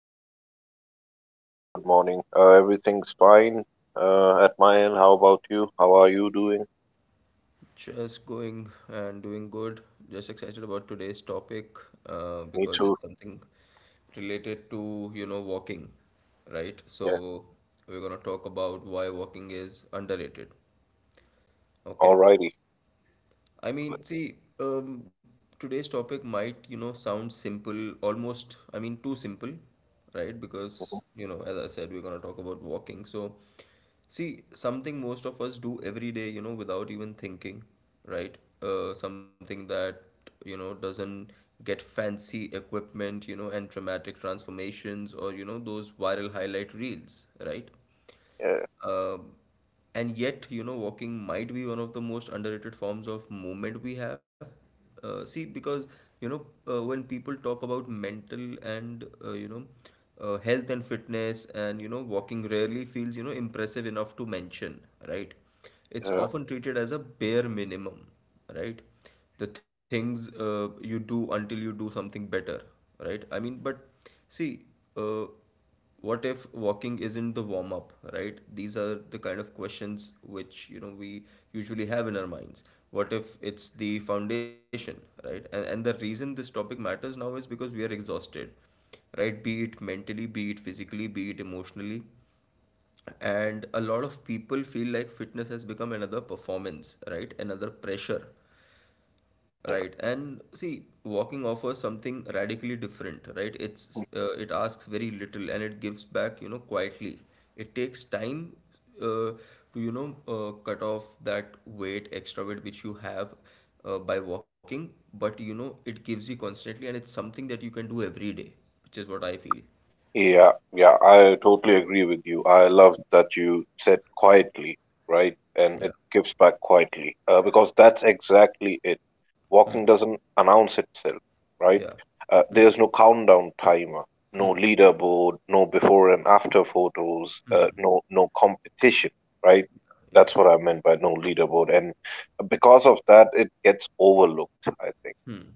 hey, Sam. A very good morning. Everything's fine at my end. How about you? How are you doing? Just going and doing good. Just excited about today's topic Me because too. it's something related to, you know, walking, right? Yeah. So we're gonna talk about why walking is underrated. Okay. Alrighty. I mean, see, today's topic might, you know, sound simple, almost, I mean, too simple, right? Mhm. Because, you know, as I said, we're going to talk about walking. So, see, something most of us do every day, you know, without even thinking, right? Something that, you know, doesn't get fancy equipment, you know, and dramatic transformations or, you know, those viral highlight reels, right? Yeah. Uh, and yet, you know, walking might be one of the most underrated forms of movement we have. See, because, you know, when people talk about mental and, you know, health and fitness and, you know, walking rarely feels, you know, impressive enough to mention, right? It's Yeah. often treated as a bare minimum, right? The things you do until you do something better, right? I mean, but see, uh, what if walking isn't the warm up, right? These are the kind of questions which, you know, we usually have in our minds. What if it's the foundation, right? And the reason this topic matters now is because we are exhausted, right? Be it mentally, be it physically, be it emotionally. And a lot of people feel like fitness has become another performance, right? Another pressure. Right. And see, walking offers something radically different, right? It's, it asks very little and it gives back, you know, quietly. It takes time uh, to, you know, cut off that weight, extra weight which you have by walking, but you know, it gives you constantly and it's something that you can do every day, which is what I feel. Yeah, yeah, I totally agree with you. I love that you said quietly, right? And it Yeah. gives back quietly, because that's exactly it. Walking Hmm. doesn't announce itself, right? Yeah. Hmm. There's no countdown timer, no leaderboard, no before and after photos, Hmm. no competition, right? That's Yeah. what I meant by no leaderboard. And because of that, it gets overlooked, I think. Hmm.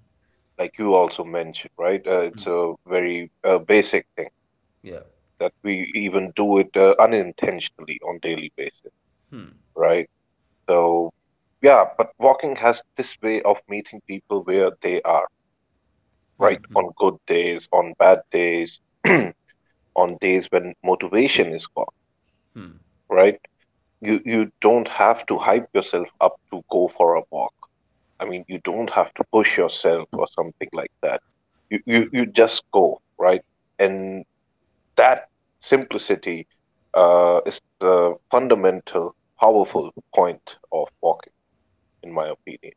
Like you also mentioned, right? It's a very basic thing Yeah. that we even do it unintentionally on daily basis, right? So yeah, but walking has this way of meeting people where they are, Hmm. right? Hmm. On good days, on bad days, on days when motivation is gone, Hmm. right? You don't have to hype yourself up to go for a walk. I mean, you don't have to push yourself or something like that. You you, Hmm. you just go, right? And that simplicity is the fundamental, powerful point of walking, in my opinion.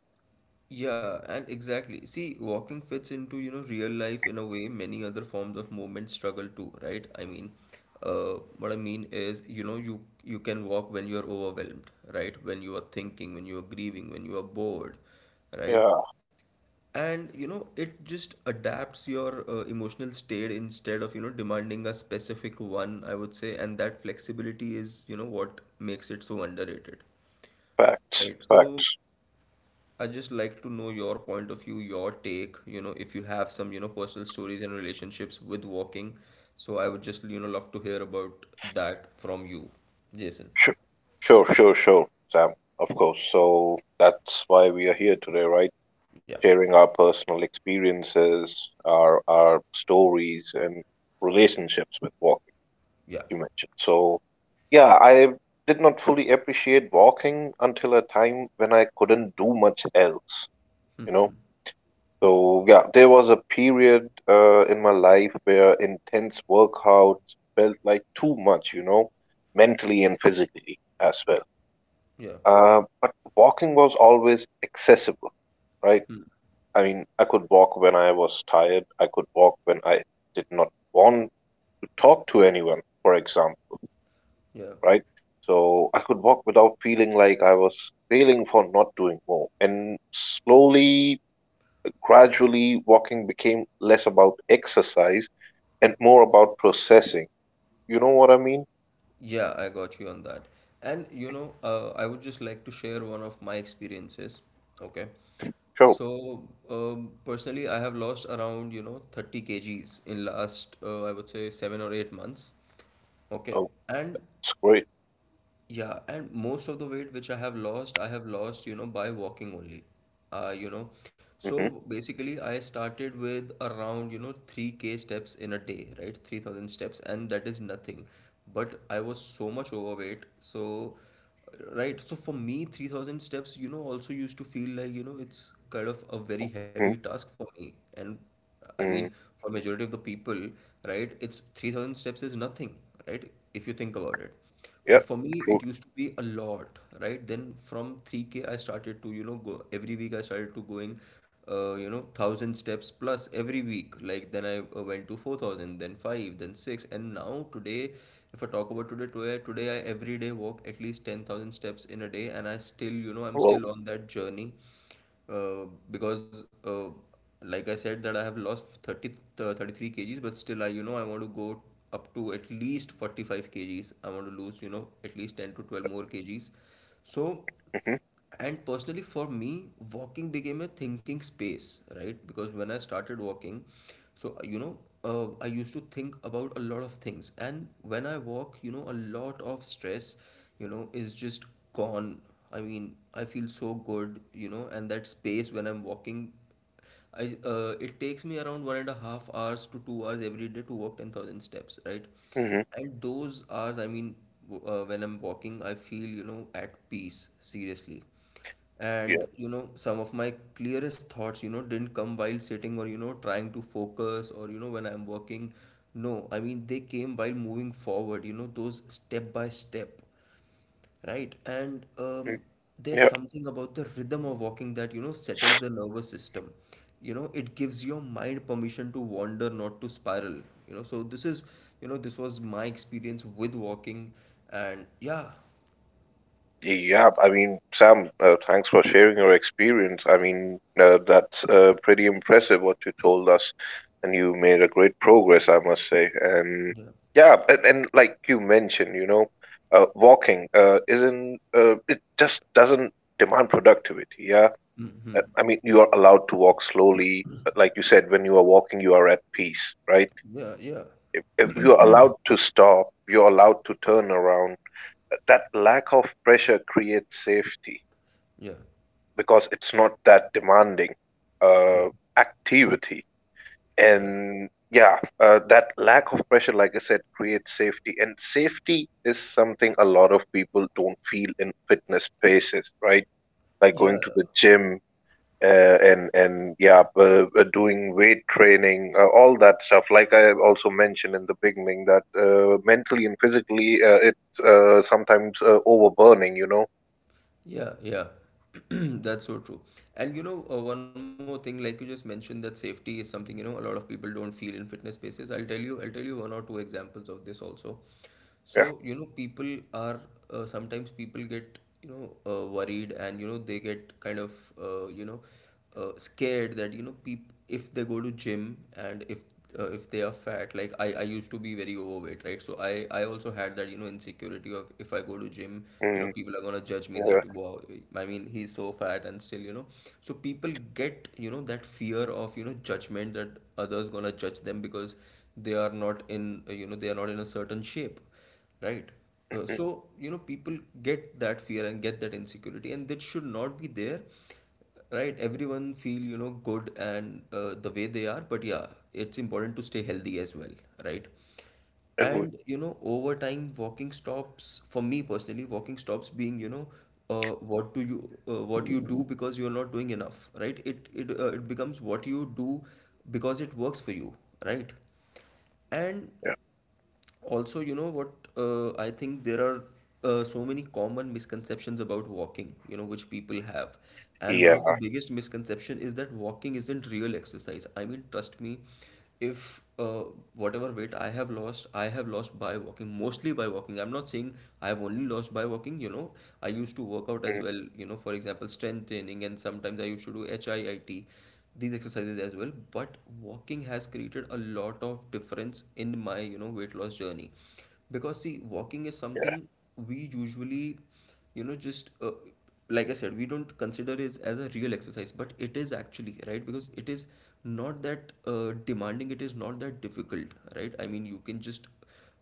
Yeah, and exactly. See, walking fits into, you know, real life in a way many other forms of movement struggle too, right? I mean, what I mean is, you know, you can walk when you are overwhelmed, right? When you are thinking, when you are grieving, when you are bored, right? Yeah, And you know, it just adapts your emotional state instead of, you know, demanding a specific one, I would say, and that flexibility is, you know, what makes it so underrated, facts, right? So facts. I just like to know your point of view, your take, you know, if you have some, you know, personal stories and relationships with walking. So I would just, you know, love to hear about that from you, Jason. Sure, sure, Sam, of course. So that's why we are here today, right? Yeah. Sharing our personal experiences, our stories, and relationships with walking, Yeah. as you mentioned. So, yeah, I did not fully appreciate walking until a time when I couldn't do much else. You know. So yeah, there was a period in my life where intense workouts felt like too much, you know, mentally and physically as well. Yeah. But walking was always accessible, right? Hmm. I mean, I could walk when I was tired. I could walk when I did not want to talk to anyone, for example, Yeah. right? So I could walk without feeling like I was failing for not doing more. And slowly Gradually, walking became less about exercise and more about processing. You know what I mean? Yeah, I got you on that. And you know, I would just like to share one of my experiences. Okay. Sure. So, personally, I have lost around, you know, 30 kgs in last, I would say, 7 or 8 months. Okay. Oh, And it's great. yeah, and most of the weight which I have lost, you know, by walking only. You know, Mm-hmm. so basically, I started with around, you know, 3K steps in a day, right? 3,000 steps, and that is nothing. But I was so much overweight. So, right. So for me, 3,000 steps, you know, also used to feel like, you know, it's kind of a very heavy task for me. And I mean, Mm-hmm. for majority of the people, right, it's 3,000 steps is nothing, right? If you think about it. But Yeah, for me, it true. used to be a lot, right? Then from 3K, I started to, you know, go every week. I started to going, you know, 1,000 steps plus every week. Like then I went to 4,000, then five, then six, and now today, if I talk about today, today I every day walk at least 10,000 steps in a day, and I still, you know, I'm Well, still on that journey because like I said that I have lost 30 uh, 33 kgs, but still I, you know, I want to go up to at least 45 kgs. I want to lose, you know, at least 10 to 12 more kgs. So, mm-hmm. and personally for me, walking became a thinking space, right? Because when I started walking, so you know, I used to think about a lot of things, and when I walk, you know, a lot of stress, you know, is just gone. I mean, I feel so good, you know, and that space when I'm walking, I, it takes me around 1.5 hours to 2 hours every day to walk 10,000 steps, right? Mm-hmm. And those hours, I mean, when I'm walking, I feel, you know, at peace, seriously. Yeah. And, you know, some of my clearest thoughts, you know, didn't come while sitting or, you know, trying to focus or, you know, when I'm walking. No, I mean, they came while moving forward, you know, those step by step, right? And Mm. There's Yeah. something about the rhythm of walking that, you know, settles the nervous system. You know, it gives your mind permission to wander, not to spiral. You know, so this is, you know, this was my experience with walking, and yeah, Yeah, I mean, Sam, thanks for sharing your experience. I mean, that's pretty impressive what you told us, and you made a great progress, I must say. And yeah, yeah, and like you mentioned, you know, walking isn't, it just doesn't demand productivity. Yeah. I mean, you are allowed to walk slowly. But like you said, when you are walking, you are at peace, right? yeah, yeah, If you're allowed to stop, you're allowed to turn around. That lack of pressure creates safety yeah, because it's not that demanding yeah, uh, activity. yeah. And yeah, that lack of pressure, like I said, creates safety. And safety is something a lot of people don't feel in fitness spaces, right? Like Yeah, going to the gym. And yeah, doing weight training, all that stuff. Like I also mentioned in the beginning, that mentally and physically, it's sometimes overburning. You know. yeah, yeah. That's so true. And you know, one more thing, like you just mentioned that safety is something, you know, a lot of people don't feel in fitness spaces. I'll tell you one or two examples of this also. Yeah. So, you know, people are, sometimes people get, you know, worried and, you know, they get kind of, you know, scared that, you know, people, if they go to gym, and if they are fat, like I used to be very overweight, right? So I also had that, you know, insecurity of if I go to gym, you know, Mm, people are gonna judge me yeah. that, wow, I mean, he's so fat and still, you know. So people get, you know, that fear of, you know, judgment that others gonna judge them because they are not in, you know, they are not in a certain shape. Right. So, you know, people get that fear and get that insecurity, and that should not be there. Right. Everyone feel, you know, good and, the way they are, but yeah, it's important to stay healthy as well. Right. And, you know, over time, walking stops, for me personally, walking stops being, you know, what you do because you're not doing enough, right? It becomes what you do because it works for you, right? And also you know what, I think there are, so many common misconceptions about walking, you know, which people have. And one of the biggest misconception is that walking isn't real exercise. I mean, trust me, if whatever weight I have lost, I have lost by walking, mostly by walking. I'm not saying I have only lost by walking, you know. I used to work out as Yeah. well, you know, for example, strength training, and sometimes I used to do HIIT, these exercises as well. But walking has created a lot of difference in my, you know, weight loss journey. Because see, walking is something we usually, you know, just like I said, we don't consider it as a real exercise, but it is actually, right? Because it is not that demanding, it is not that difficult, right? I mean, you can just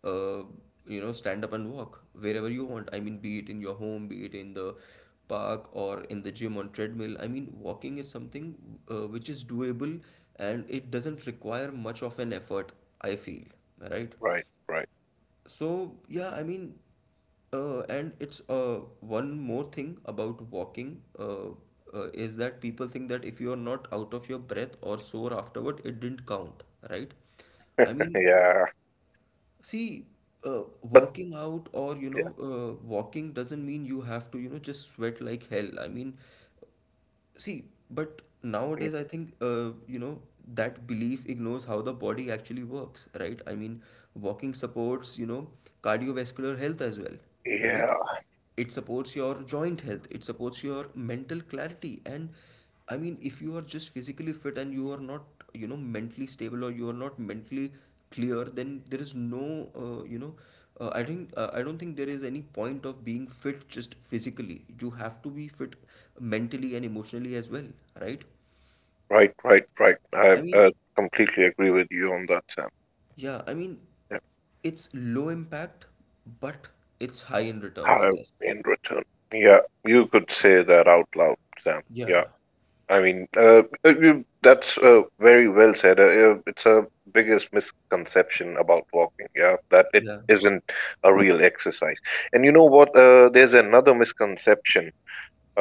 uh, you know, stand up and walk wherever you want. I mean, be it in your home, be it in the park, or in the gym on treadmill. I mean, walking is something which is doable, and it doesn't require much of an effort, I feel, right? Right, right. So, yeah, I mean, and it's one more thing about walking, is that people think that if you are not out of your breath or sore afterward, it didn't count, right? I mean, Yeah. see, But working out or you know, walking doesn't mean you have to, you know, just sweat like hell. I mean, see, but yeah. nowadays I think, you know, that belief ignores how the body actually works, right? I mean, walking supports, you know, cardiovascular health as well, right? Yeah. It supports your joint health, it supports your mental clarity, and I mean, if you are just physically fit and you are not, you know, mentally stable or you are not mentally clear, then there is no, you know, I don't think there is any point of being fit just physically. You have to be fit mentally and emotionally as well, right? Right, right, right. I I mean, uh, completely agree with you on that, Sam. yeah, I mean, Yeah. it's low impact, but it's high in return, I How guess. in return. Yeah, you could say that out loud, Sam. Yeah. Yeah, I mean, that's very well said. It's a biggest misconception about walking, yeah, that it yeah. isn't a real exercise. And you know what? There's another misconception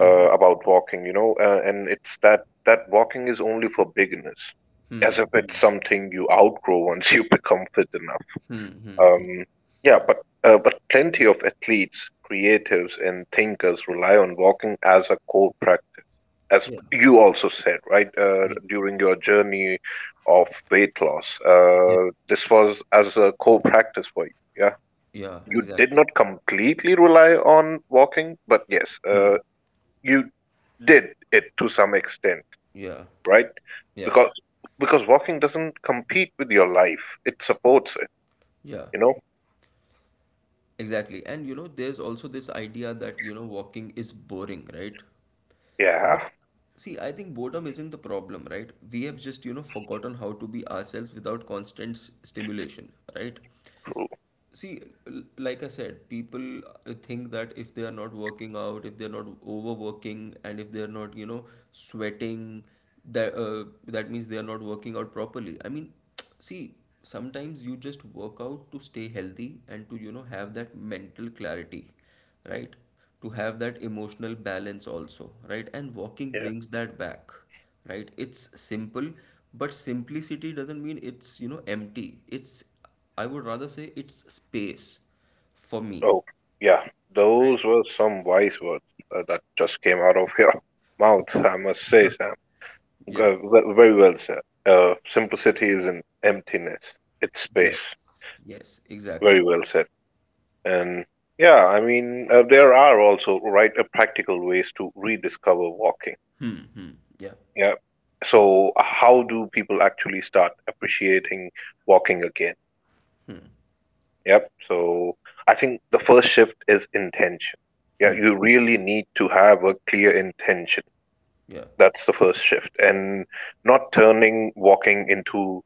Mm-hmm. about walking, you know, and it's that walking is only for beginners, as if Hmm. it's something you outgrow once you become fit enough. Hmm. Hmm. hmm. Um, yeah, but plenty of athletes, creatives, and thinkers rely on walking as a core practice, as Yeah. you also said, right? Yeah. During your journey of weight loss, Yeah. This was as a core practice for you. Yeah, Yeah. you did Exactly. not completely rely on walking, but yes, Hmm. You did it to some extent, Yeah. right? Yeah. Because because walking doesn't compete with your life; it supports it. Yeah. You know? Exactly. And you know, there's also this idea that, you know, walking is boring, right? Yeah. But see, I think boredom isn't the problem, right? We have just, you know, forgotten how to be ourselves without constant stimulation, right? True. See, like I said, people think that if they are not working out, if they're not overworking, and if they're not, you know, sweating, that means they are not working out properly. I mean, see, sometimes you just work out to stay healthy and to, you know, have that mental clarity, right? To have that emotional balance also, right? And walking Yeah. brings that back. Right, it's simple, but simplicity doesn't mean it's, you know, empty. It's, I would rather say it's space for me. Oh, yeah. Right. Those were some wise words that just came out of your mouth. I must say, Sam. Yeah. Very well said. Simplicity isn't emptiness; it's Yes. space. Yes. Very Exactly. well said. And yeah, I mean, there are also right practical ways to rediscover walking. Hmm. Hmm. Yeah. Yeah. So how do people actually start appreciating walking again? Yep. So I think the first shift is intention. Yeah, Hmm. you really need to have a clear intention. Yeah. That's the first shift, and not turning walking into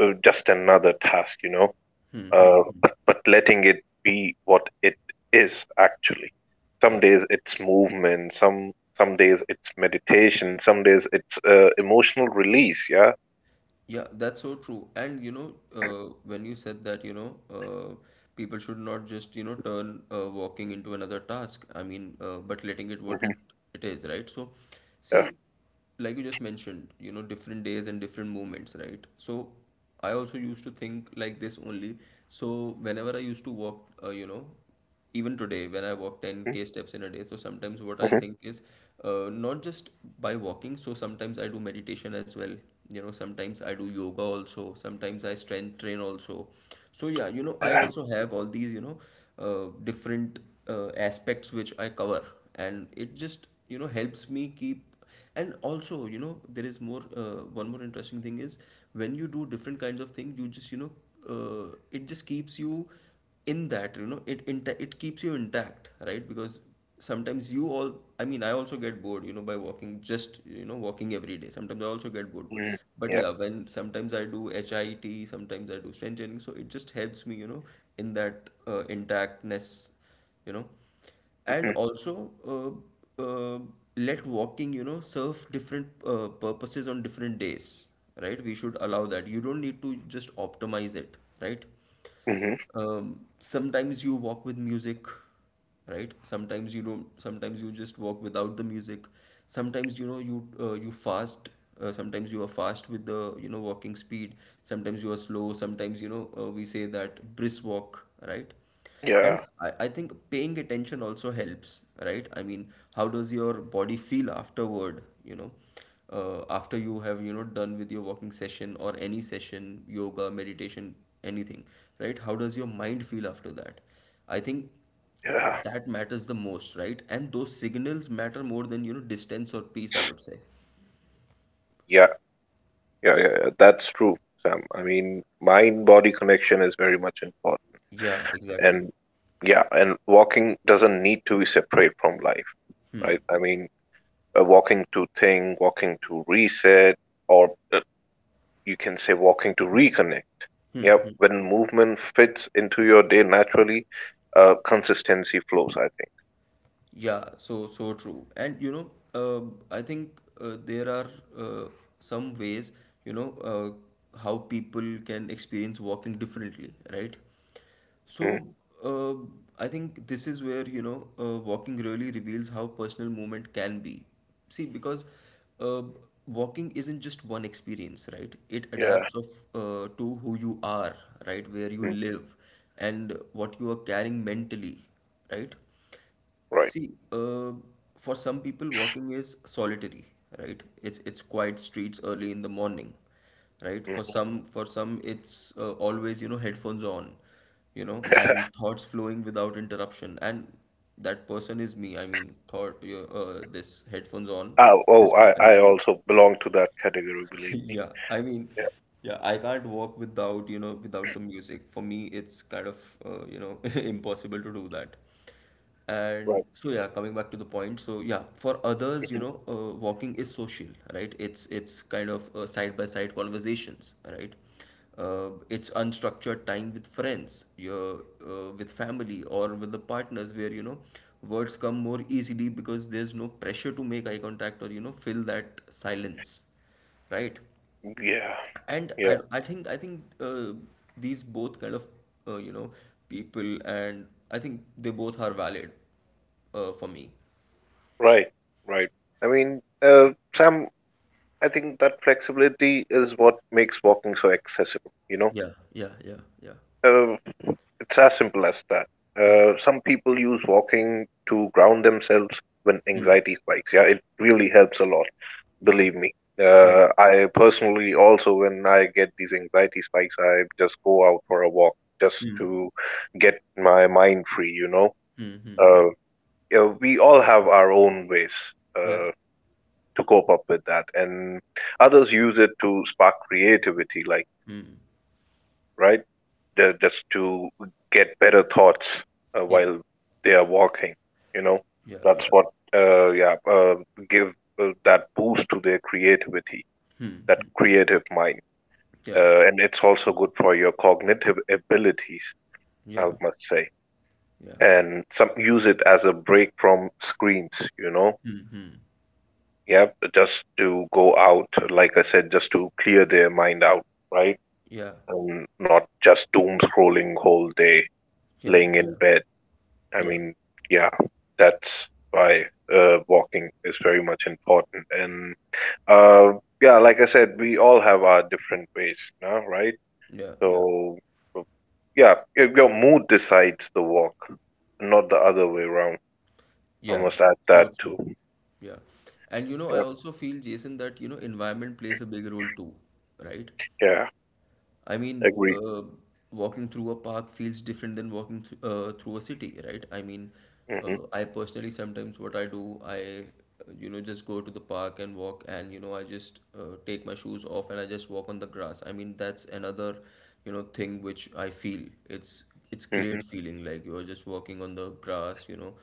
just another task, you know, Hmm. Hmm. Hmm. But letting it be what it is actually. Some Yeah. days it's movement, some days it's meditation, some days it's emotional release. Yeah. Yeah, that's so true. And you know, when you said that, you know, people should not just, you know, turn walking into another task. I mean, but letting it what it Mm-hmm. it is, right? So, Yeah. see, like you just mentioned, you know, different days and different moments, right? So, I also used to think like this only. So, whenever I used to walk, you know, even today when I walk Mhm. 10k steps in a day, so sometimes what I Mhm. think is, not just by walking. So sometimes I do meditation as well, you know, sometimes I do yoga also, sometimes I strength train also. So yeah, you know, I Yeah. also have all these, you know, different aspects which I cover, and it just, you know, helps me keep. And also, you know, there is more, one more interesting thing is, when you do different kinds of things, you just, you know, uh, it just keeps you in that, you know, it it keeps you intact, right? Because sometimes you all, I mean, I also get bored, you know, by walking, just, you know, walking every day, sometimes I also get bored. but Mhm. but Yeah. yeah, when sometimes I do HIIT, sometimes I do strength training, so it just helps me, you know, in that intactness, you know. And Mhm. also let walking, you know, serve different purposes on different days, right? We should allow that. You don't need to just optimize it, right? Mhm. Sometimes you walk with music, right? Sometimes you don't. Sometimes you just walk without the music. Sometimes, you know, you you fast. Sometimes you are fast with the, you know, walking speed. Sometimes you are slow. Sometimes, you know, we say that brisk walk, right? Yeah. And I think paying attention also helps, right? I mean, how does your body feel afterward, you know, after you have, you know, done with your walking session or any session, yoga, meditation, anything, right? How does your mind feel after that? I think Yeah. that matters the most, right? And those signals matter more than, you know, distance or pace, I would say. Yeah. Yeah. Yeah. Yeah. That's true, Sam. I mean, mind body connection is very much important. Yeah, exactly. And yeah, and walking doesn't need to be separate from life, right? I mean, walking to think, walking to reset, or you can say walking to reconnect. Hmm. Yep. Hmm. When movement fits into your day naturally, consistency flows, I think. Yeah, so so true. And you know, I think there are uh, some ways, you know, how people can experience walking differently, right? Mhm. So uh, I think this is where, you know, walking really reveals how personal movement can be. See, because uh, walking isn't just one experience, right? It Yeah. adapts of to who you are, right? Where you Mm. live and what you are carrying mentally, right? Right. See, for some people, walking is solitary, right? It's quiet streets early in the morning, right? For Mm. some, it's always, you know, headphones on, you know, and thoughts flowing without interruption. And that person is me. I mean, thought this headphones on, Oh, oh, this I, person I is me. also belong to that category, believe me. Yeah, I mean, Yeah, yeah, I can't walk without, you know, without the music. For me, it's kind of, you know, impossible to do that. And right. so yeah, coming back to the point, so yeah, for others, you know, walking is social, right? It's kind of side by side conversations, right? It's unstructured time with friends, your with family or with the partners, where, you know, words come more easily because there's no pressure to make eye contact or, you know, fill that silence, right? Yeah, And yeah, I think these both kind of you know, people, and I think they both are valid for me. right, right. I mean, Sam, I think that flexibility is what makes walking so accessible, you know? Yeah, yeah, yeah, yeah, Uh, it's as simple as that. yeah. Some people use walking to ground themselves when hmm. anxiety spikes. Yeah, it really helps a lot. Yeah, Believe me. yeah. I personally also, when I get these anxiety spikes, I just go out for a walk just hmm. to get my mind free, you know. Hmm. Uh, yeah, we all have our own ways Yeah, uh, to cope up with that, and others use it to spark creativity, like, right? Just to get better thoughts yeah, while they are walking, you know. yeah, That's yeah. what, uh, yeah, uh, give that boost to their creativity, hmm. that Hmm. creative mind. Yeah, And it's also good for your cognitive abilities, I yeah, must say. yeah, And some use it as a break from screens, you know. Yeah, just to go out, like I said, just to clear their mind out, right? yeah, And not just doom scrolling whole day, yeah, laying in yeah, bed. I yeah, mean, yeah, that's why walking is very much important. And uh, yeah, like I said, we all have our different ways now, right? yeah, yeah. So yeah, your mood decides the walk, not the other way around. I Yeah, must add so that true. too. Yeah. And you know, I Yeah, also feel, Jason, that, you know, environment plays a big role too, right? yeah, I mean, agree. Walking through a park feels different than walking th through a city, right? I mean, Hmm. I personally, sometimes what I do, you know, just go to the park and walk, and you know, I just take my shoes off and I just walk on the grass. I mean, that's another, you know, thing which I feel it's great Hmm. feeling, like you're just walking on the grass, you know.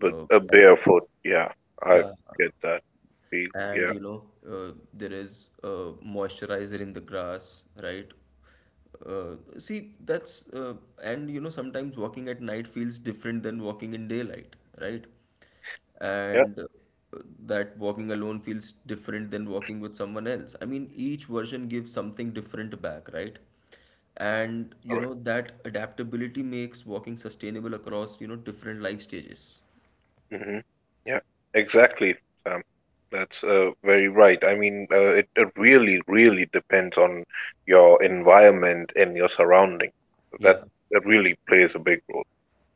But Uh, a and barefoot, yeah, I yeah, get that feel. and Yeah, you know, there is a moisturizer in the grass, right? See, that's and you know, sometimes walking at night feels different than walking in daylight, right? yeah, And that walking alone feels different than walking with someone else. I mean, each version gives something different back, right? And all you right. know, that adaptability makes walking sustainable across, you know, different life stages. Mm-hmm. Yeah, exactly, Sam. That's very right. I mean, it really, really depends on your environment and your surrounding. That Yeah, that really plays a big role,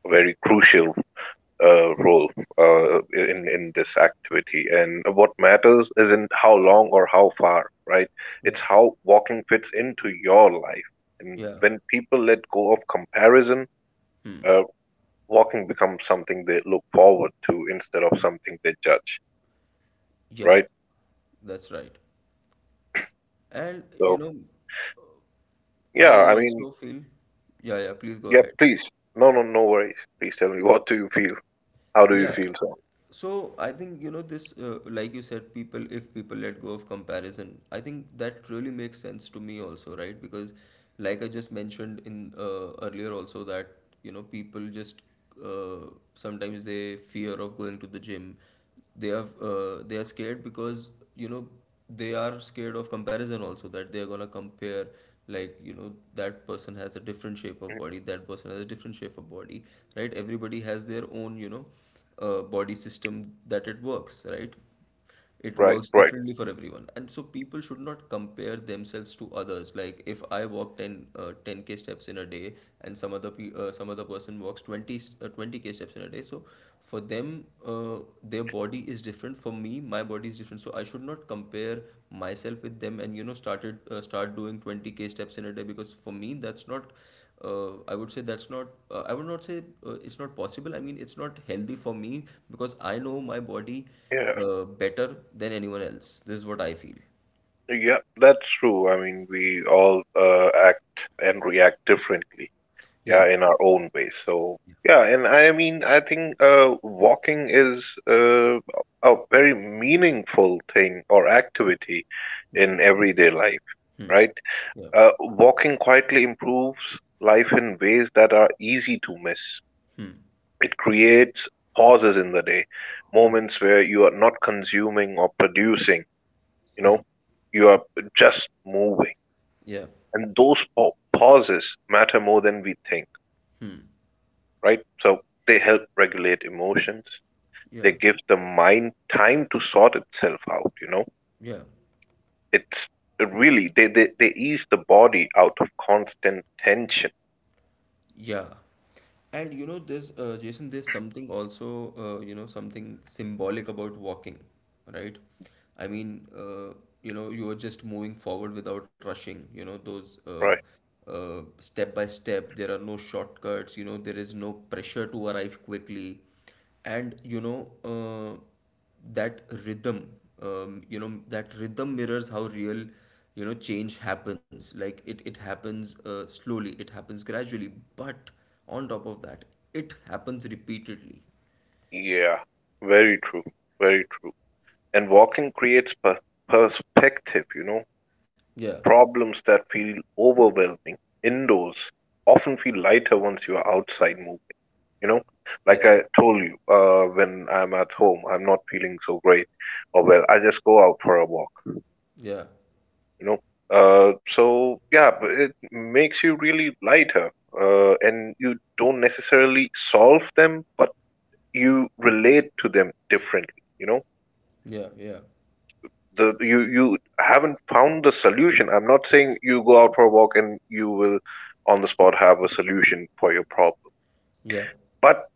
a yeah, very crucial role in this activity. And what matters isn't how long or how far, right? yeah, It's how walking fits into your life. And yeah. when people let go of comparison, Hmm. uh, walking becomes something they look forward to instead of something they judge, Yeah, right? that's right. And you So know, I yeah, I mean, also feel, yeah, yeah, please go yeah, ahead. please, no, no, no worries. Please tell me, what do you feel? How do you Yeah, feel? So, so I think, you know, like you said, people, if people let go of comparison, I think that really makes sense to me also, right? Because, like I just mentioned in earlier also, that, you know, people just sometimes they fear of going to the gym. They are they are scared, because you know, they are scared of comparison also, that they are gonna compare, like you know, that person has a different shape of mhm. body, that person has a different shape of body, right? Everybody has their own, you know, body system that it works, right? It Right, works right, differently for everyone. And so people should not compare themselves to others. Like if I walk 10 uh, 10k steps in a day, and some some other person walks 20k steps in a day, so for them their body is different, for me my body is different, so I should not compare myself with them and, you know, start doing 20k steps in a day, because for me that's not, I would say that's not, I would not say it's not possible. I mean, it's not healthy for me, because I know my body yeah. Better than anyone else. This is what I feel. Yeah, that's true. I mean, we all act and react differently, Yeah. yeah, in our own ways. So, yeah, and I mean, I think walking is uh, a very meaningful thing or activity Hmm. in everyday life, Hmm. right? Yeah. Walking quietly improves life in ways that are easy to miss. Hmm. It creates pauses in the day, moments where you are not consuming or producing, you Hmm. know, you are just moving, Yeah. and those pauses matter more than we think, Hmm. right? So they help regulate emotions, they Yeah. give the mind time to sort itself out, you know, Yeah. it's really they ease the body out of constant tension, Yeah. And you know, there's Jason, there's something also, you know, something symbolic about walking, right? I mean, you know, you are just moving forward without rushing, you know, those right? Step by step, there are no shortcuts, you know, there is no pressure to arrive quickly. And, you know, that rhythm, you know, that rhythm mirrors how real, you know, change happens. Like it happens slowly, it happens gradually, but on top of that, it happens repeatedly. Yeah, very true, very true. And walking creates perspective, you know, Yeah, problems that feel overwhelming indoors often feel lighter once you are outside moving, you know, like yeah, I told you, when I'm at home I'm not feeling so great or well, I just go out for a walk, yeah, you know. So yeah, but it makes you really lighter, and you don't necessarily solve them, but you relate to them differently, you know. yeah, yeah, The You haven't found the solution, I'm not saying you go out for a walk and you will on the spot have a solution for your problem, yeah, but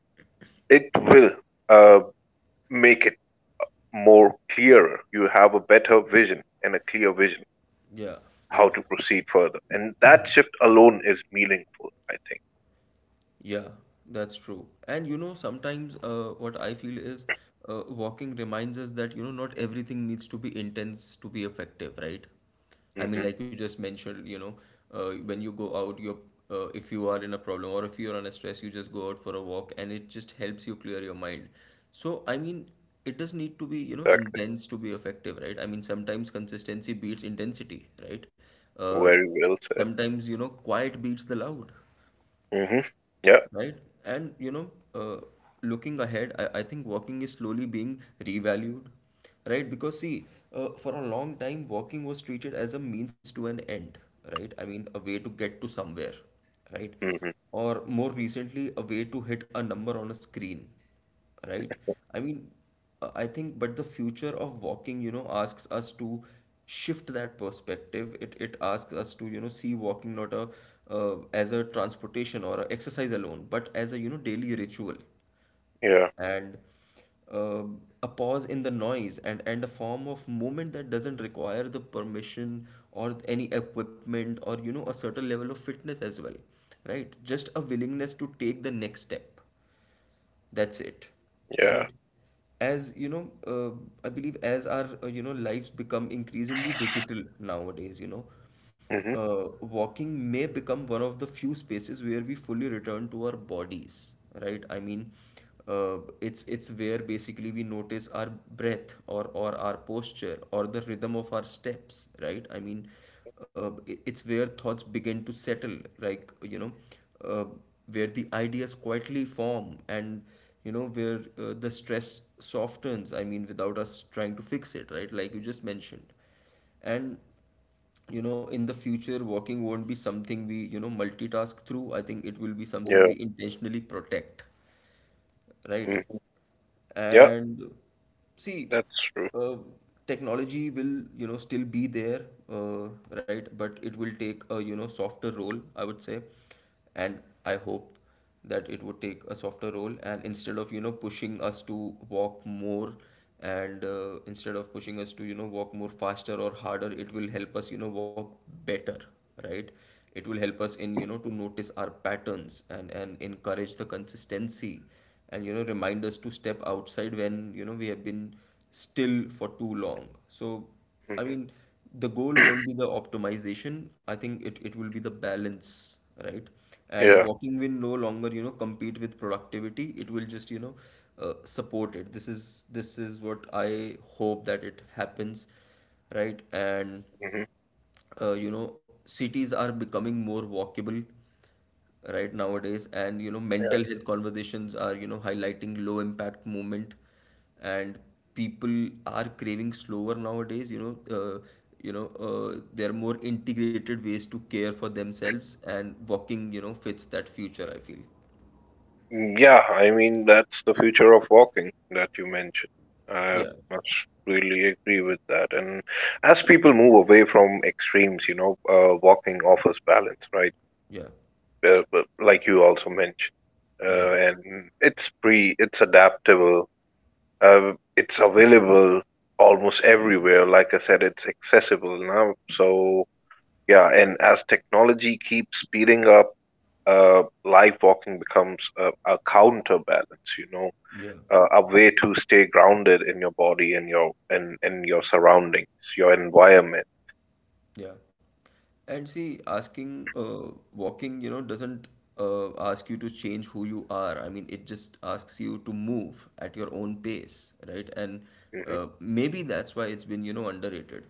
it will uh, make it more clearer. You have a better vision and a clear vision yeah, how yeah. to proceed further. And that shift alone is meaningful, I think. Yeah, that's true. And you know, sometimes what I feel is walking reminds us that, you know, not everything needs to be intense to be effective, right? I Hmm. mean, like you just mentioned, you know, when you go out, if you are in a problem or if you're under stress, you just go out for a walk and it just helps you clear your mind. So, I mean, it does need to be, you know, Exactly. intense to be effective, right? I mean, sometimes consistency beats intensity, right? Uh, Very well said. sometimes, you know, quiet beats the loud, Hmm. Yeah. right? And you know, looking ahead, I think walking is slowly being revalued, right? Because see, for a long time, walking was treated as a means to an end, right? I mean, a way to get to somewhere, right? Hmm. Or more recently, a way to hit a number on a screen, right. i mean I think but the future of walking, you know, asks us to shift that perspective. It asks us to, you know, see walking not a as a transportation or a exercise alone, but as a, you know, daily ritual Yeah. and uh, a pause in the noise, and a form of movement that doesn't require the permission or any equipment or, you know, a certain level of fitness as well, right? Just a willingness to take the next step, that's it, Yeah. right? As you know, I believe, as our you know, lives become increasingly digital nowadays, you know, Hmm. Walking may become one of the few spaces where we fully return to our bodies, right? I mean it's where basically we notice our breath, or our posture or the rhythm of our steps, right? Uh, it's where thoughts begin to settle, like, you know, uh, where the ideas quietly form, and, you know, where the stress softens, I mean, without us trying to fix it, right, like you just mentioned. And, you know, in the future walking won't be something we, you know, multitask through. I think it will be something Yeah. we intentionally protect, right? Hmm. Yeah. And see, That's true. uh, technology will, you know, still be there, uh, right? But it will take a, you know, softer role, I would say. And I hope that it would take a softer role. And instead of, you know, pushing us to walk more and instead of pushing us to, you know, walk more faster or harder, it will help us, you know, walk better, right? It will help us in, you know, to notice our patterns, and encourage the consistency, and, you know, remind us to step outside when, you know, we have been still for too long. So i Hmm. mean the goal won't be the optimization. I think it will be the balance, right? And Yeah. walking will no longer, you know, compete with productivity, it will just, you know, support it. This is what I hope that it happens, right? And Hmm. You know, cities are becoming more walkable, right, nowadays. And, you know, mental health conversations are, you know, highlighting low impact movement, and people are craving slower nowadays, you know, there are more integrated ways to care for themselves, and walking, you know, fits that future, I feel. Yeah. I mean, that's the future of walking that you mentioned. I yeah must really agree with that. And as people move away from extremes, you know, walking offers balance, right? yeah But like you also mentioned, yeah and it's free, it's adaptable, it's available almost everywhere. Like I said, it's accessible now. So yeah, and as technology keeps speeding up, live walking becomes a counterbalance. You know, yeah a way to stay grounded in your body and your and your surroundings, your environment. Yeah. And see, asking, walking, you know, doesn't ask you to change who you are. I mean, it just asks you to move at your own pace, right? And Hmm. maybe that's why it's been, you know, underrated.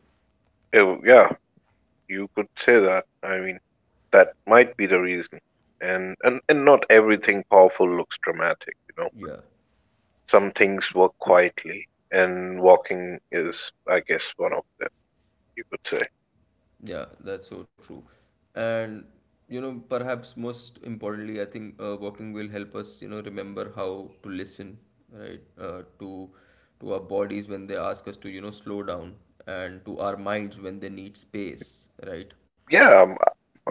Yeah, you could say that. I mean, that might be the reason. And, and not everything powerful looks dramatic, you know. Yeah. Some things work quietly, and walking is, I guess, one of them. You could say, Yeah, that's so true. And, you know, perhaps most importantly, I think walking will help us, you know, remember how to listen, right, to our bodies when they ask us to, you know, slow down, and to our minds when they need space, right? yeah.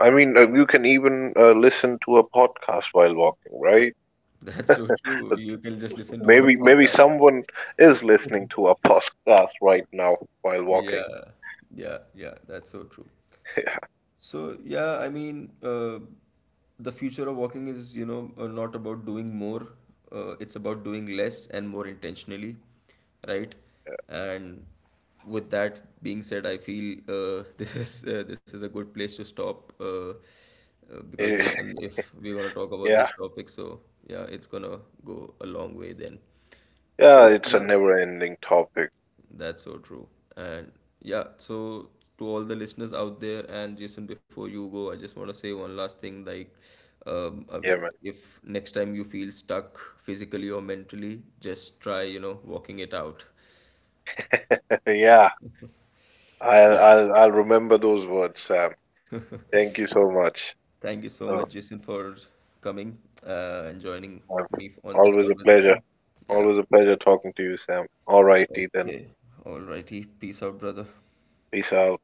I mean, you can even listen to a podcast while walking, right? That's so true. But You can just listen to our maybe podcast. someone is listening to a podcast right now while walking. Yeah, yeah, yeah. That's so true. So yeah, I mean, the future of walking is, you know, not about doing more. It's about doing less and more intentionally, right? And with that being said, I feel this is a good place to stop, because Yeah. Jason, if we're gonna talk about Yeah, this topic, so yeah, it's gonna go a long way then. yeah. So It's a yeah, never-ending topic. that's so true. And yeah, so to all the listeners out there, and Jason, before you go, I just want to say one last thing. Like, um, uh, Yeah, man. if next time you feel stuck physically or mentally, just try, you know, walking it out. Yeah. I'll Yeah. I'll I'll remember those words, Sam. Thank you so much. Thank you so much, Oh, Jason, for coming and joining uh, me on this always a pleasure. conversation. Yeah. Always a pleasure talking to you, Sam. All righty then. Okay. Alrighty. Peace out, brother. Peace out.